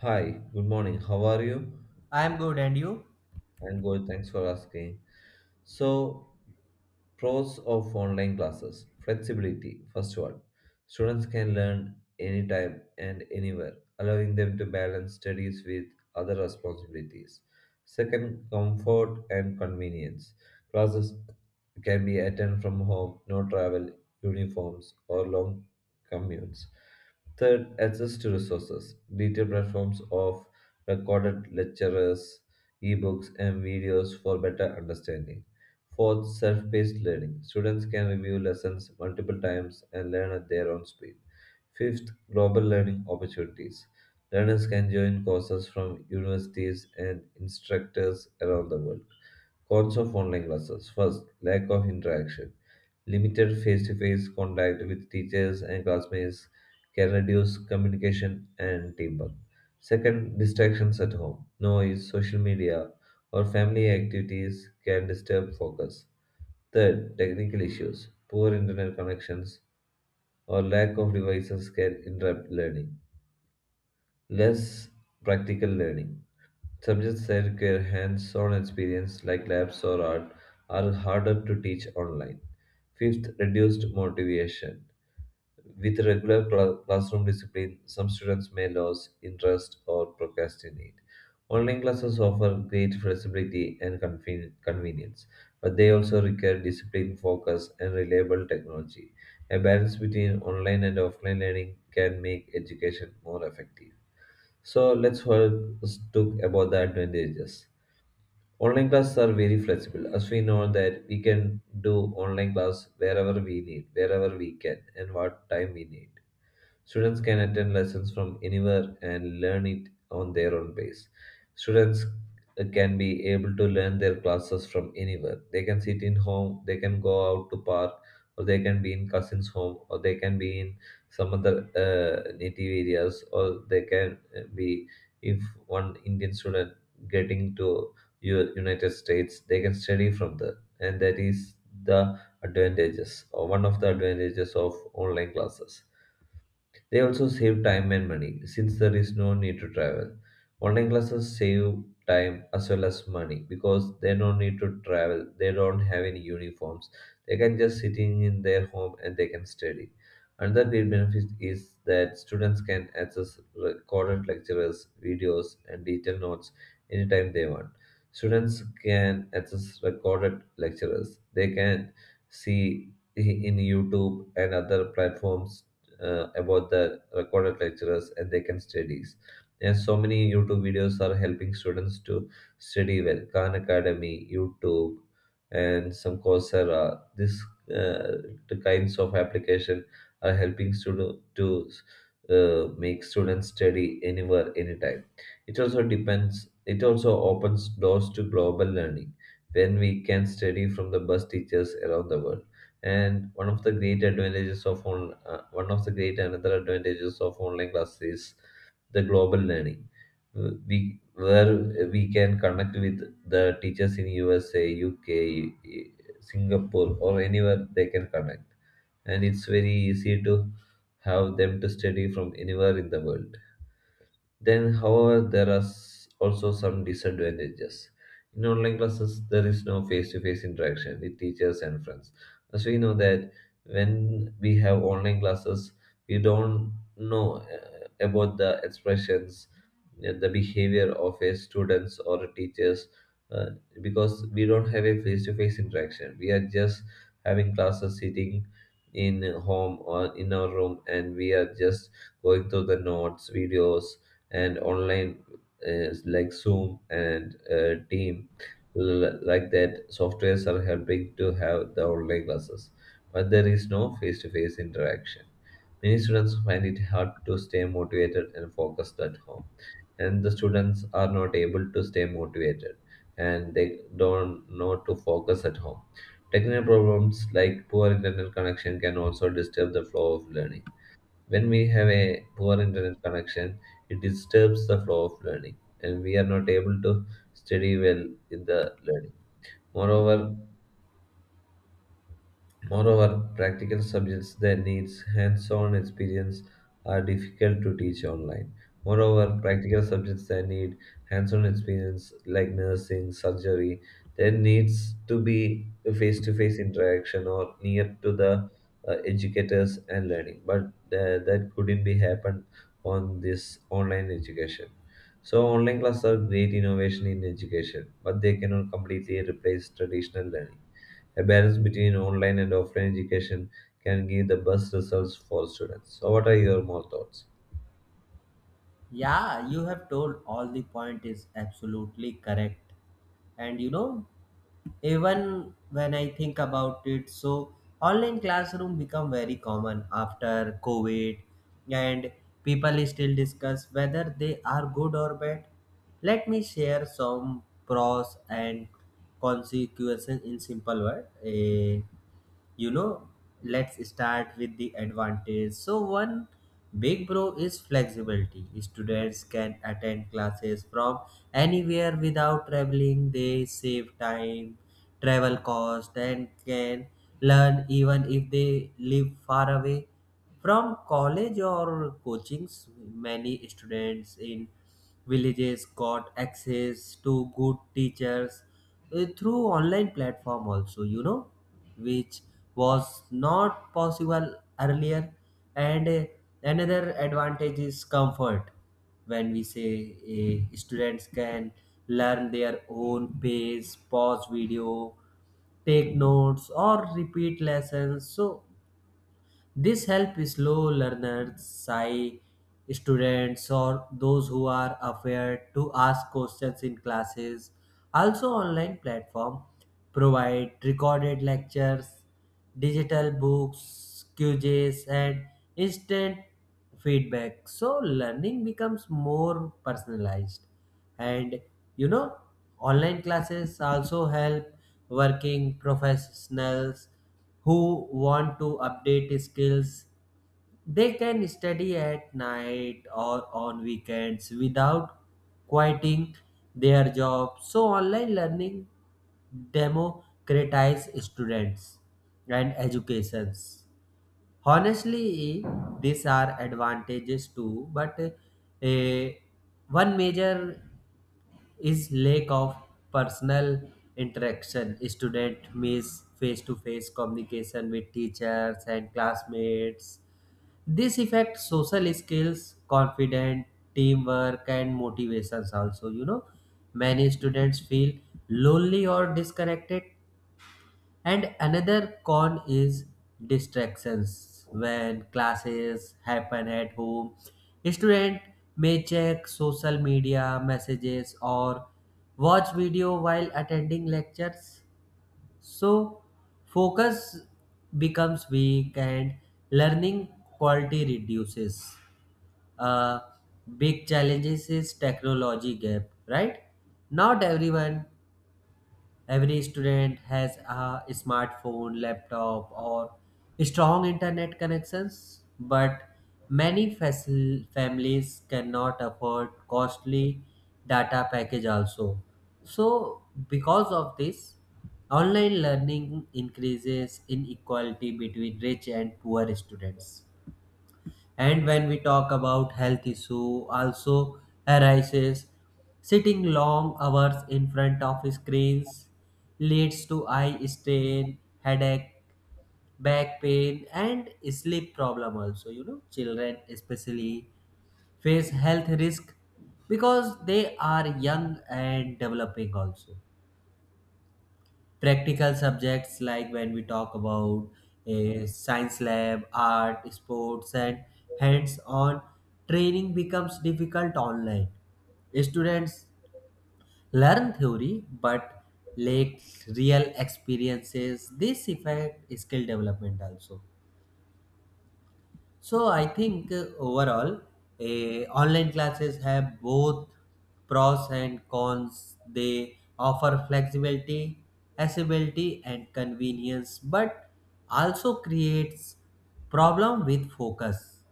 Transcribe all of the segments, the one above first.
Hi, good morning. How are you? I'm good, and you? I'm good. Thanks for asking. So, pros of online classes, flexibility. First one, students can learn anytime and anywhere, allowing them to balance studies with other responsibilities. Second, comfort and convenience. Classes can be attended from home, no travel, uniforms, or long commutes. Third, access to resources. Digital platforms of recorded lectures, ebooks, and videos for better understanding. Fourth, self paced learning. Students can review lessons multiple times and learn at their own speed. Fifth, global learning opportunities. Learners can join courses from universities and instructors around the world. Cons of online classes. First, lack of interaction. Limited face to face contact with teachers and classmates can reduce communication and teamwork. Second, distractions at home. Noise, social media, or family activities can disturb focus. Third, technical issues. Poor internet connections or lack of devices can interrupt learning. Less practical learning. Subjects that require hands on experience, like labs or art, are harder to teach online. Fifth, reduced motivation. With regular classroom discipline, some students may lose interest or procrastinate. Online classes offer great flexibility and convenience, but they also require discipline, focus, and reliable technology. A balance between online and offline learning can make education more effective. So let's first talk about the advantages. Online classes are very flexible, as we know that we can do online class wherever we need, wherever we can, and what time we need. Students can attend lessons from anywhere and learn it on their own pace. Students can be able to learn their classes from anywhere. They can sit in home, they can go out to park, or they can be in cousin's home, or they can be in some other native areas, or they can be if one Indian student getting to United States, they can study from there, and that is the advantages or one of the advantages of online classes. They also save time and money since there is no need to travel. Online classes save time as well as money because they don't need to travel. They don't have any uniforms. They can just sitting in their home and they can study. Another great benefit is that students can access recorded lectures, videos, and detailed notes anytime they want. Students can access recorded lectures. They can see in YouTube and other platforms about the recorded lecturers and they can studies. And so many YouTube videos are helping students to study well. Khan Academy, YouTube, and some Coursera. These uh, the kinds of application are helping student to make students study anywhere, anytime. It also depends. It also opens doors to global learning when we can study from the best teachers around the world. And one of the great advantages of one of the great another advantages of online classes is the global learning. We where we can connect with the teachers in USA, UK, Singapore, or anywhere they can connect, and it's very easy to have them to study from anywhere in the world. Then, however, there are also some disadvantages. In online classes, there is no face to face interaction with teachers and friends. As we know that when we have online classes, we don't know about the expressions, the behavior of a students or a teachers uh, because we don't have a face to face interaction. We are just having classes sitting in home or in our room and we are just going through the notes, videos, and online like Zoom and Team like that softwares are helping to have the online classes, but there is no face-to-face interaction. Many students find it hard to stay motivated and focused at home, and the students are not able to stay motivated and they don't know to focus at home. Technical problems like poor internet connection can also disturb the flow of learning. When we have a poor internet connection, it disturbs the flow of learning, and we are not able to study well in the learning. Moreover, Moreover, practical subjects that needs hands-on experience are difficult to teach online. Moreover, practical subjects that need hands-on experience like nursing, surgery, there needs to be a face-to-face interaction or near to the educators and learning. But that couldn't be happened on this online education. So online classes are great innovation in education, but they cannot completely replace traditional learning. A balance between online and offline education can give the best results for students. So, what are your more thoughts? Yeah, you have told all the point is absolutely correct. And you know, even when I think about it, so online classroom become very common after COVID, and people still discuss whether they are good or bad. Let me share some pros and consequences in simple word. You know, let's start with the advantage. So one big pro is flexibility. Students can attend classes from anywhere without traveling. They save time, travel cost, and can learn even if they live far away from college or coachings. Many students in villages got access to good teachers through online platform also, you know, which was not possible earlier. And Another advantage is comfort. When we say students can learn their own pace, pause video, take notes, or repeat lessons, so this help slow learners, shy students, or those who are afraid to ask questions in classes. Also, online platform provide recorded lectures, digital books, quizzes, and instant feedback. So learning becomes more personalized. And you know, online classes also help working professionals who want to update skills. They can study at night or on weekends without quitting their job. So online learning democratize students and educations. Honestly, these are advantages too, but eh, one major is lack of personal interaction. Student miss face-to-face communication with teachers and classmates. This affects social skills, confidence, teamwork, and motivations also. You know, many students feel lonely or disconnected. And another con is distractions. When classes happen at home, student may check social media messages or watch video while attending lectures. So focus becomes weak and learning quality reduces. A big challenge is technology gap, right? Not everyone Every student has a smartphone, laptop, or strong internet connections, but many families cannot afford costly data package also. So, because of this, online learning increases inequality between rich and poor students. And when we talk about health issue also arises, sitting long hours in front of screens leads to eye strain, headache, back pain, and sleep problem also. You know, children especially face health risk because they are young and developing also. Practical subjects, like when we talk about a science lab, art, sports, and hands-on training, becomes difficult online. Students learn theory, but lack real experiences. This affect skill development also. So I think overall, online classes have both pros and cons. They offer flexibility, accessibility, and convenience, but also creates problem with focus,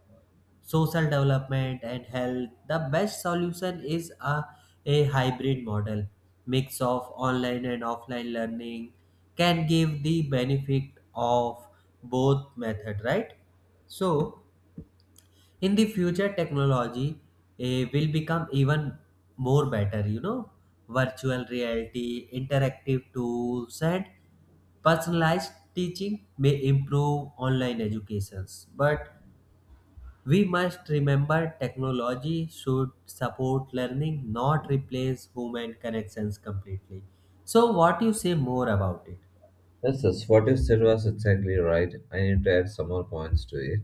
social development, and health. The best solution is a hybrid model. Mix of online and offline learning can give the benefit of both method, right? So in the future technology will become even more better, you know, virtual reality, interactive tools, and personalized teaching may improve online educations, but we must remember technology should support learning, not replace human connections completely. So what you say more about it? Yes, yes, what you said was exactly right. I need to add some more points to it.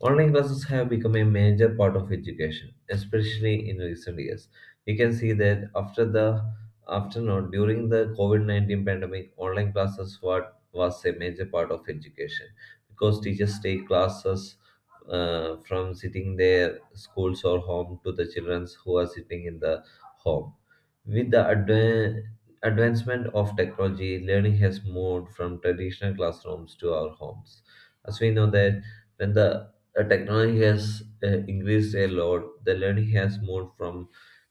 Online classes have become a major part of education, especially in recent years. We can see that after the after not during the COVID-19 pandemic, online classes were, was a major part of education because teachers take classes from sitting their schools or home to the children who are sitting in the home. With the advancement of technology, learning has moved from traditional classrooms to our homes. As we know that when the technology has increased a lot. The learning has moved from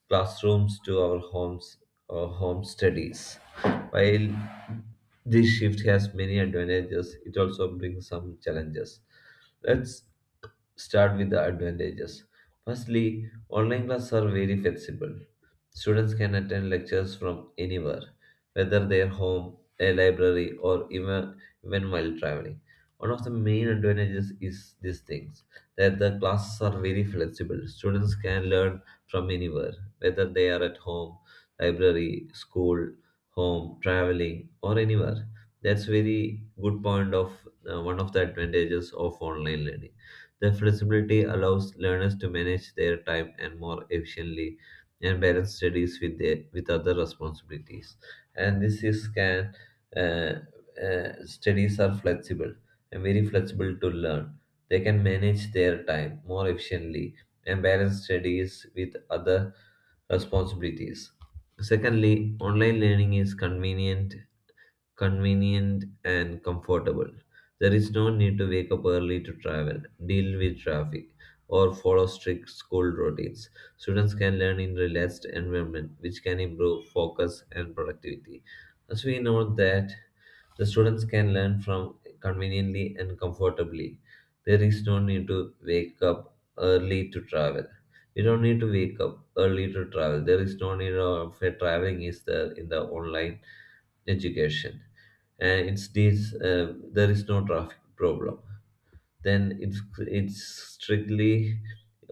classrooms to our homes or home studies. While this shift has many advantages, it also brings some challenges. Let's start with the advantages. Firstly, online classes are very flexible. Students can attend lectures from anywhere, whether their home, a library, or even while traveling. One of the main advantages is these things that the classes are very flexible. Students can learn from anywhere, whether they are at home, library, school, home, traveling, or anywhere. That's very good point of one of the advantages of online learning. The flexibility allows learners to manage their time and more efficiently and balance studies with other responsibilities. And this is can uh, studies are flexible and very flexible to learn. They can manage their time more efficiently and balance studies with other responsibilities. Secondly, online learning is convenient and comfortable. There is no need to wake up early to travel, deal with traffic, or follow strict school routines. Students can learn in relaxed environment, which can improve focus and productivity. As we know that the students can learn from conveniently and comfortably. There is no need to wake up early to travel. You don't need to wake up early to travel. There is no need of a traveling is there in the online education. And there is no traffic problem. Then it's strictly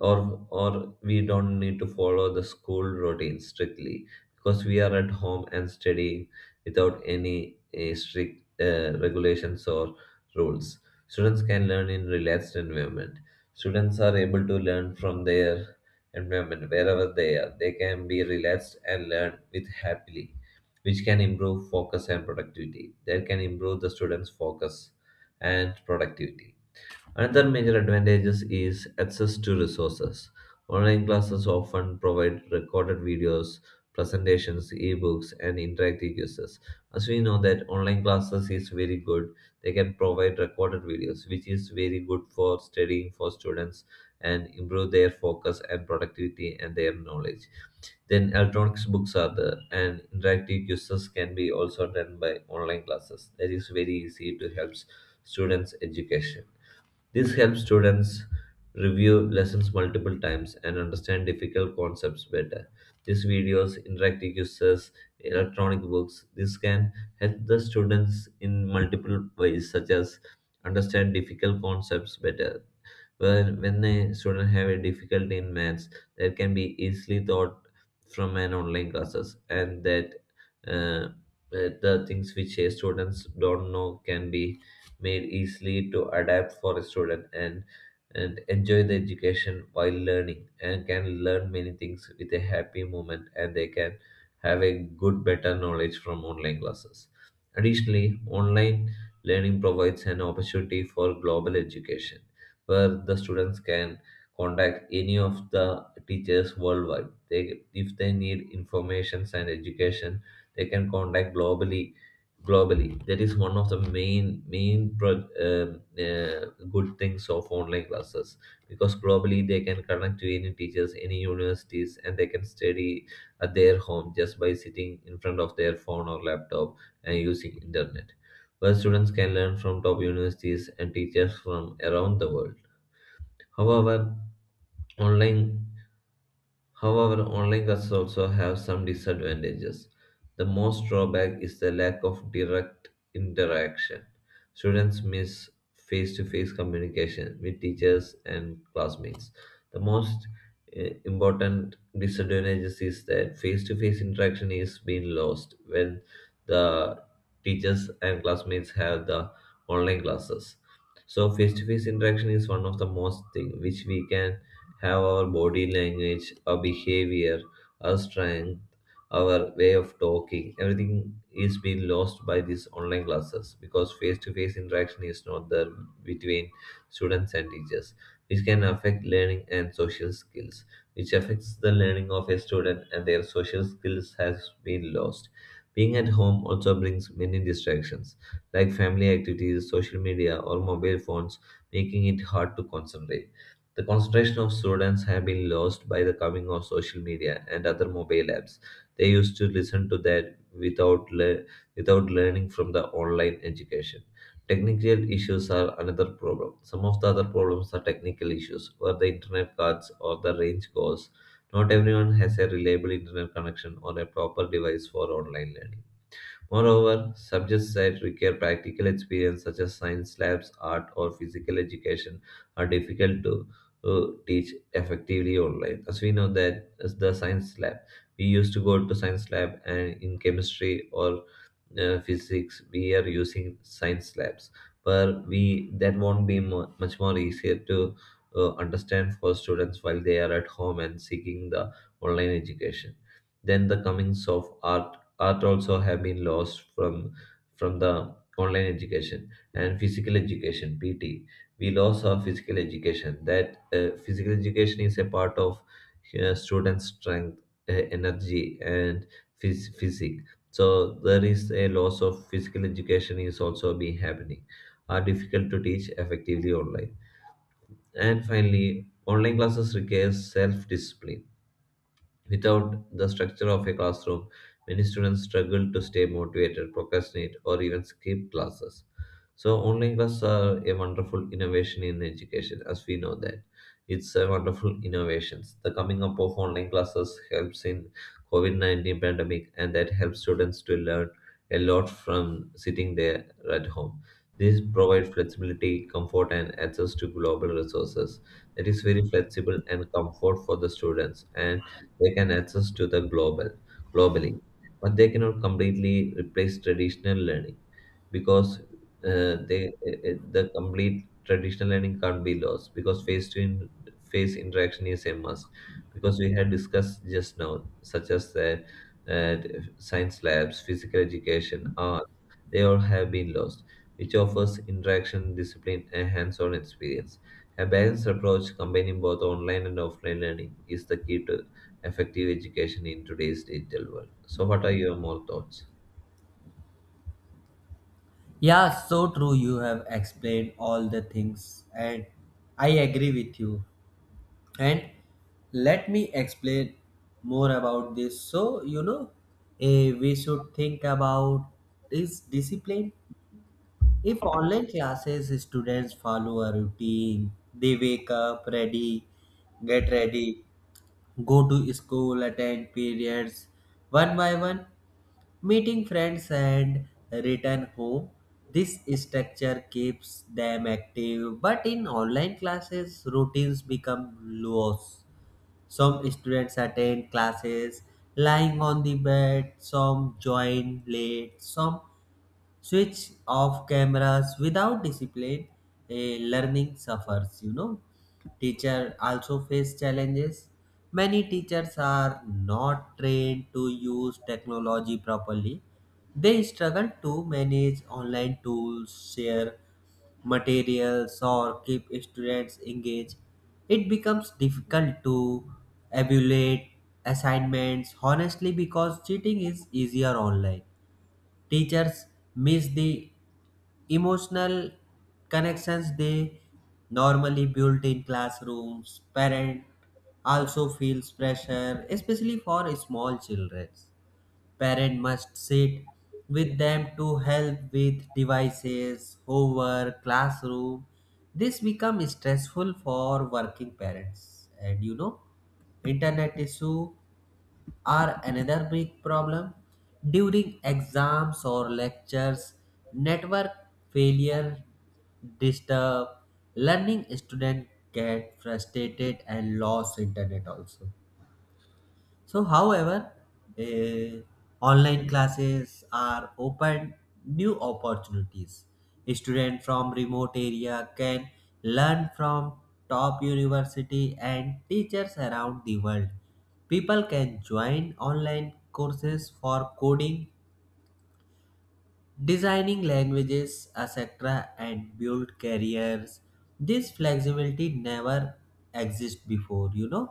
or We don't need to follow the school routine strictly because we are at home and studying without any strict regulations or rules. Students can learn in relaxed environment. Students are able to learn from their environment wherever they are. They can be relaxed and learn with happily, which can improve focus and productivity. That can improve the students' focus and productivity. Another major advantages is access to resources. Online classes often provide recorded videos, presentations, ebooks, and interactive quizzes. As we know that online classes is very good, they can provide recorded videos, which is very good for studying for students and improve their focus and productivity and their knowledge. Then electronic books are there, and interactive quizzes can be also done by online classes. That is very easy to help students' education. This helps students review lessons multiple times and understand difficult concepts better. These videos, interactive quizzes, electronic books, this can help the students in multiple ways, such as understand difficult concepts better. Well, when a student have a difficulty in maths, that can be easily taught from an online classes, and that uh, the things which a students don't know can be made easily to adapt for a student and enjoy the education while learning and can learn many things with a happy moment and they can have a good better knowledge from online classes. Additionally, online learning provides an opportunity for global education where the students can contact any of the teachers worldwide. They, if they need information and education, they can contact globally that is one of the main good things of online classes because globally they can connect to any teachers any universities and they can study at their home just by sitting in front of their phone or laptop and using internet where students can learn from top universities and teachers from around the world. However online However, online classes also have some disadvantages. The most drawback is the lack of direct interaction. Students miss face to face communication with teachers and classmates. The most important disadvantages is that face to face interaction is being lost when the teachers and classmates have the online classes. So face to face interaction is one of the most thing which we can have our body language, our behavior, our strength, our way of talking. Everything is being lost by these online classes because face to face interaction is not there between students and teachers, which can affect learning and social skills, which affects the learning of a student and their social skills has been lost. Being at home also brings many distractions like family activities, social media, or mobile phones, making it hard to concentrate. The concentration of students have been lost by the coming of social media and other mobile apps. They used to listen to that without learning from the online education. Technical issues are another problem. Some of the other problems are technical issues, where the internet cuts or the range goes. Not everyone has a reliable internet connection or a proper device for online learning. Moreover, subjects that require practical experience, such as science labs, art, or physical education, are difficult to teach effectively online. As we know that, as the science lab, we used to go to science lab, and in chemistry or physics we are using science labs, but we that won't be much more easier to understand for students while they are at home and seeking the online education. Then the comings of art also have been lost from the online education, and physical education, pt, we lost our physical education. That physical education is a part of students strength, energy, and physic. So there is a loss of physical education is also be happening, are difficult to teach effectively online. And finally, online classes require self-discipline. Without the structure of a classroom, many students struggle to stay motivated, procrastinate, or even skip classes. So, online classes are a wonderful innovation in education, as we know that. It's a wonderful innovation. The coming up of online classes helps in COVID 19 pandemic, and that helps students to learn a lot from sitting there at home. This provides flexibility, comfort, and access to global resources. That is very flexible and comfort for the students, and they can access to the globally, but they cannot completely replace traditional learning because the complete traditional learning can't be lost because face to in, face interaction is a must, because we had discussed just now, such as that, uh, science labs, physical education, art, they all have been lost, which offers interaction, discipline, and hands-on experience. A balanced approach combining both online and offline learning is the key to effective education in today's digital world. So, what are your more thoughts? Yeah, so true, you have explained all the things, and I agree with you. And let me explain more about this. So, you know, we should think about is discipline. If online classes, students follow a routine, they wake up ready, get ready, go to school, attend periods one by one, meeting friends and return home. This structure keeps them active, but in online classes, routines become loose. Some students attend classes lying on the bed, some join late, some switch off cameras. Without discipline, learning suffers, you know. Teacher also face challenges. Many teachers are not trained to use technology properly. They struggle to manage online tools, share materials, or keep students engaged. It becomes difficult to evaluate assignments honestly because cheating is easier online. Teachers miss the emotional connections they normally build in classrooms. Parent also feels pressure, especially for small children. Parent must sit with them to help with devices, homework, classroom. This becomes stressful for working parents. And you know, internet issue are another big problem. During exams or lectures, network failure disturb learning. Student get frustrated and lost internet also. So, however, eh, online classes are open new opportunities. Students from remote area can learn from top university and teachers around the world. People can join online courses for coding, designing languages, etc., and build careers. This flexibility never existed before, you know.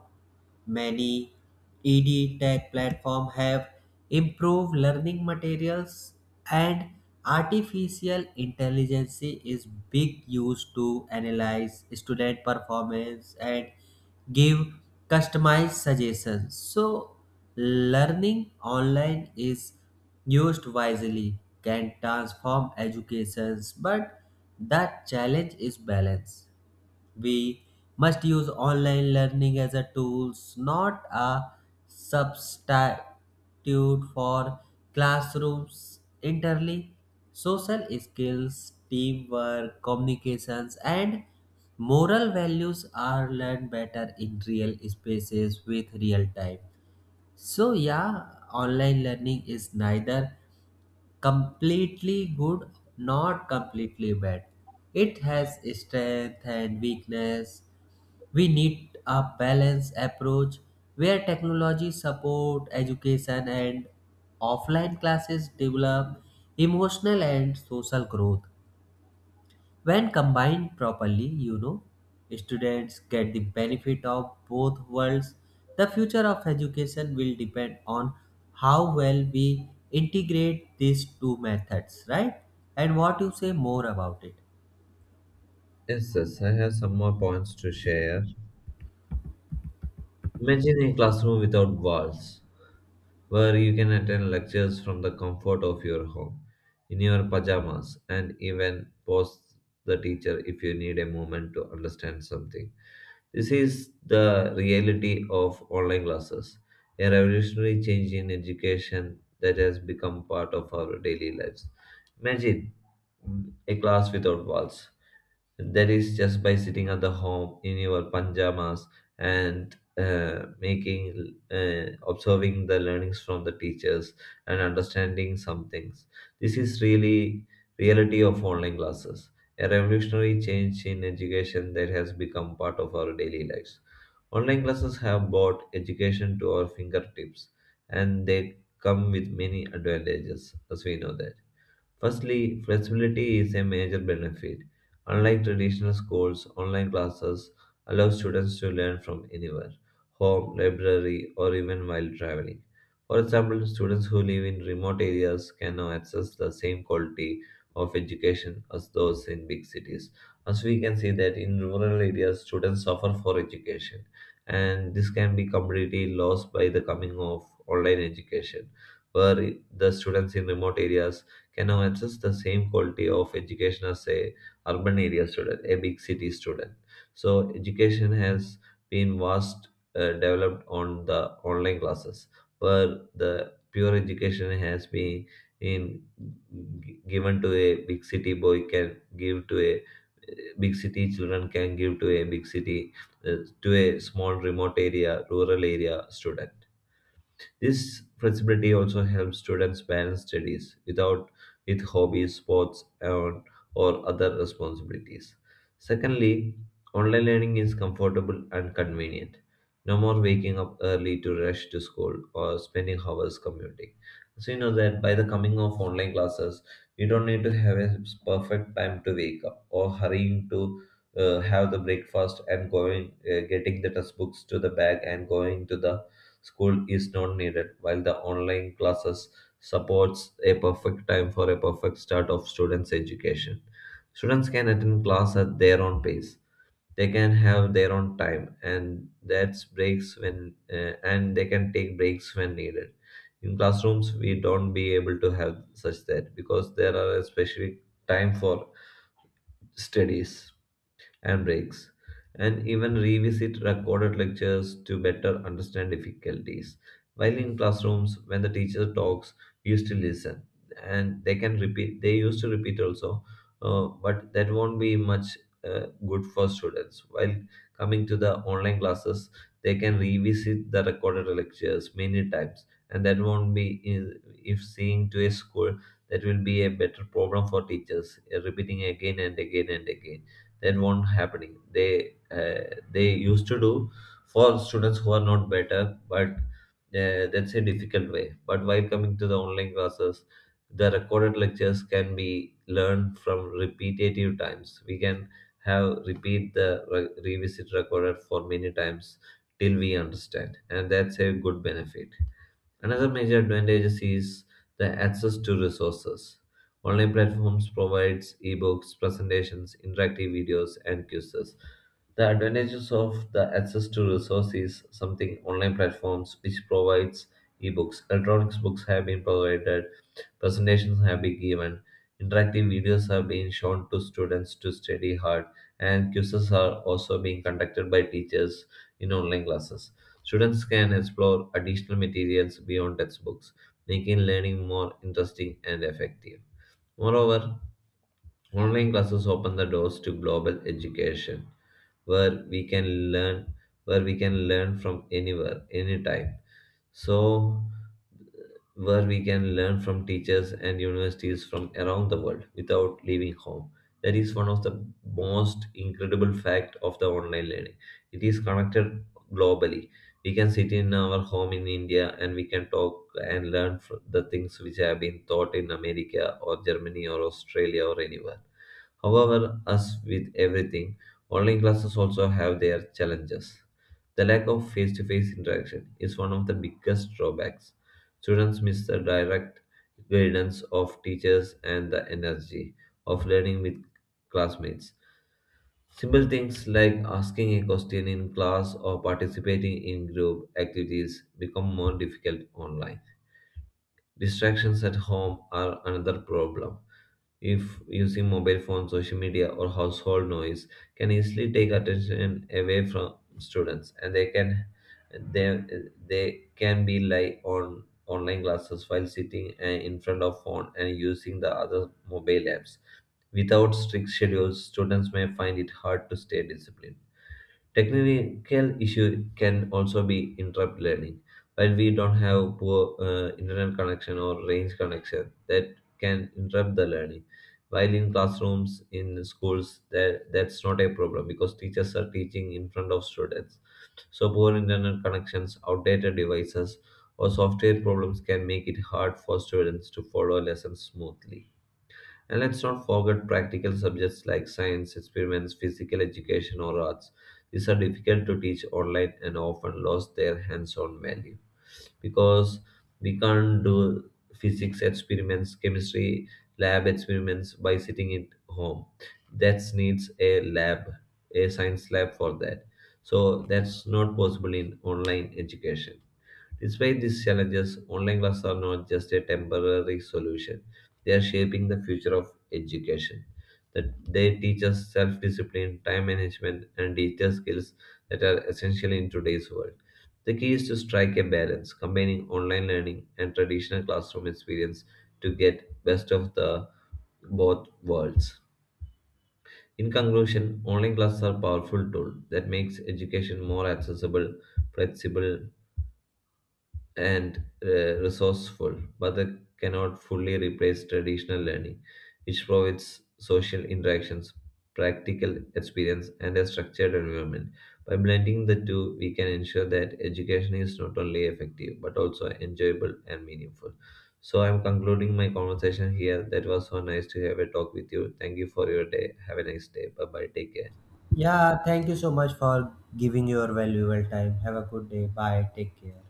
Many ED tech platforms have improved learning materials, and artificial intelligence is big used to analyze student performance and give customized suggestions. So learning online is used wisely, can transform educations, but that challenge is balance. We must use online learning as a tools, not a substitute for classrooms entirely. Social skills, teamwork, communications, and moral values are learned better in real spaces with real time. So, yeah, online learning is neither completely good nor completely bad. It has strength and weakness. We need a balanced approach where technology support education and offline classes develop emotional and social growth. When combined properly, you know, students get the benefit of both worlds. The future of education will depend on how well we integrate these two methods, right? And what you say more about it? Yes, yes, I have some more points to share. Imagine a classroom without walls, where you can attend lectures from the comfort of your home, in your pajamas, and even pause the teacher if you need a moment to understand something. This is the reality of online classes, a revolutionary change in education that has become part of our daily lives. Imagine a class without walls, that is just by sitting at the home in your pajamas, and observing the learnings from the teachers and understanding some things. This is really reality of online classes, a revolutionary change in education that has become part of our daily lives. Online classes have brought education to our fingertips, and they come with many advantages, as we know that. Firstly, flexibility is a major benefit. Unlike traditional schools, online classes allow students to learn from anywhere, home, library, or even while traveling. For example, students who live in remote areas can now access the same quality of education as those in big cities. As we can see that in rural areas, students suffer for education, and this can be completely lost by the coming of online education, where the students in remote areas can now access the same quality of education as a urban area student, a big city student. So education has been vast developed on the online classes, where the pure education has been in given to a big city boy, can give to a big city children, can give to a big city, uh, to a small remote area rural area student. This flexibility also helps students balance studies without with hobbies, sports, and or other responsibilities. Secondly, online learning is comfortable and convenient. No more waking up early to rush to school or spending hours commuting. So you know that by the coming of online classes, you don't need to have a perfect time to wake up or hurrying to have the breakfast and going getting the textbooks to the bag and going to the school is not needed, while the online classes supports a perfect time for a perfect start of students' education. Students can attend class at their own pace. They can have their own time, and that's breaks when and they can take breaks when needed. In classrooms, we don't be able to have such that because there are a specific time for studies and breaks, and even revisit recorded lectures to better understand difficulties. While in classrooms, when the teacher talks, we used to listen, and they can repeat. They used to repeat also, but that won't be much good for students. While coming to the online classes, they can revisit the recorded lectures many times, and that won't be if seeing to a school, that will be a better problem for teachers repeating again and again and again. That won't happening, uh, they used to do for students who are not better, but that's a difficult way. But while coming to the online classes, the recorded lectures can be learned from repetitive times. We can have repeat the revisit recorded for many times till we understand, and that's a good benefit. Another major advantage is the access to resources. Online platforms provides ebooks, presentations, interactive videos, and quizzes. The advantages of the access to resources is something online platforms which provides ebooks. Electronic books have been provided. Presentations have been given, interactive videos have been shown to students to study hard, and quizzes are also being conducted by teachers in online classes. Students can explore additional materials beyond textbooks, making learning more interesting and effective. Moreover, online classes open the doors to global education, where we can learn where we can learn from anywhere anytime, so where we can learn from teachers and universities from around the world without leaving home. That is one of the most incredible fact of the online learning. It is connected globally. We can sit in our home in India, and we can talk and learn the things which have been taught in America or Germany or Australia or anywhere. However, as with everything, online classes also have their challenges. The lack of face to face interaction is one of the biggest drawbacks. Students miss the direct guidance of teachers and the energy of learning with classmates. Simple things like asking a question in class or participating in group activities become more difficult online. Distractions at home are another problem. If using mobile phone, social media, or household noise can easily take attention away from students, and they they can be like on online classes while sitting in front of phone and using the other mobile apps. Without strict schedules, students may find it hard to stay disciplined. Technical issue can also be interrupt learning. While we don't have poor internet connection or range connection that can interrupt the learning. While in classrooms, in schools, that's not a problem because teachers are teaching in front of students. So poor internet connections, outdated devices, or software problems can make it hard for students to follow lessons smoothly. And let's not forget practical subjects like science, experiments, physical education, or arts. These are difficult to teach online and often lost their hands on value, because we can't do physics experiments, chemistry lab experiments by sitting at home. That needs a lab, a science lab for that. So that's not possible in online education. Despite these challenges, online classes are not just a temporary solution. They are shaping the future of education. That they teach us self-discipline, time management, and digital skills that are essential in today's world. The key is to strike a balance, combining online learning and traditional classroom experience to get best of the both worlds. In conclusion, online classes are powerful tool that makes education more accessible, flexible, and resourceful, but they cannot fully replace traditional learning, which provides social interactions, practical experience, and a structured environment. By blending the two, we can ensure that education is not only effective but also enjoyable and meaningful. So, I'm concluding my conversation here. That was so nice to have a talk with you. Thank you for your day. Have a nice day. Bye bye. Take care. Yeah, thank you so much for giving your valuable time. Have a good day. Bye. Take care.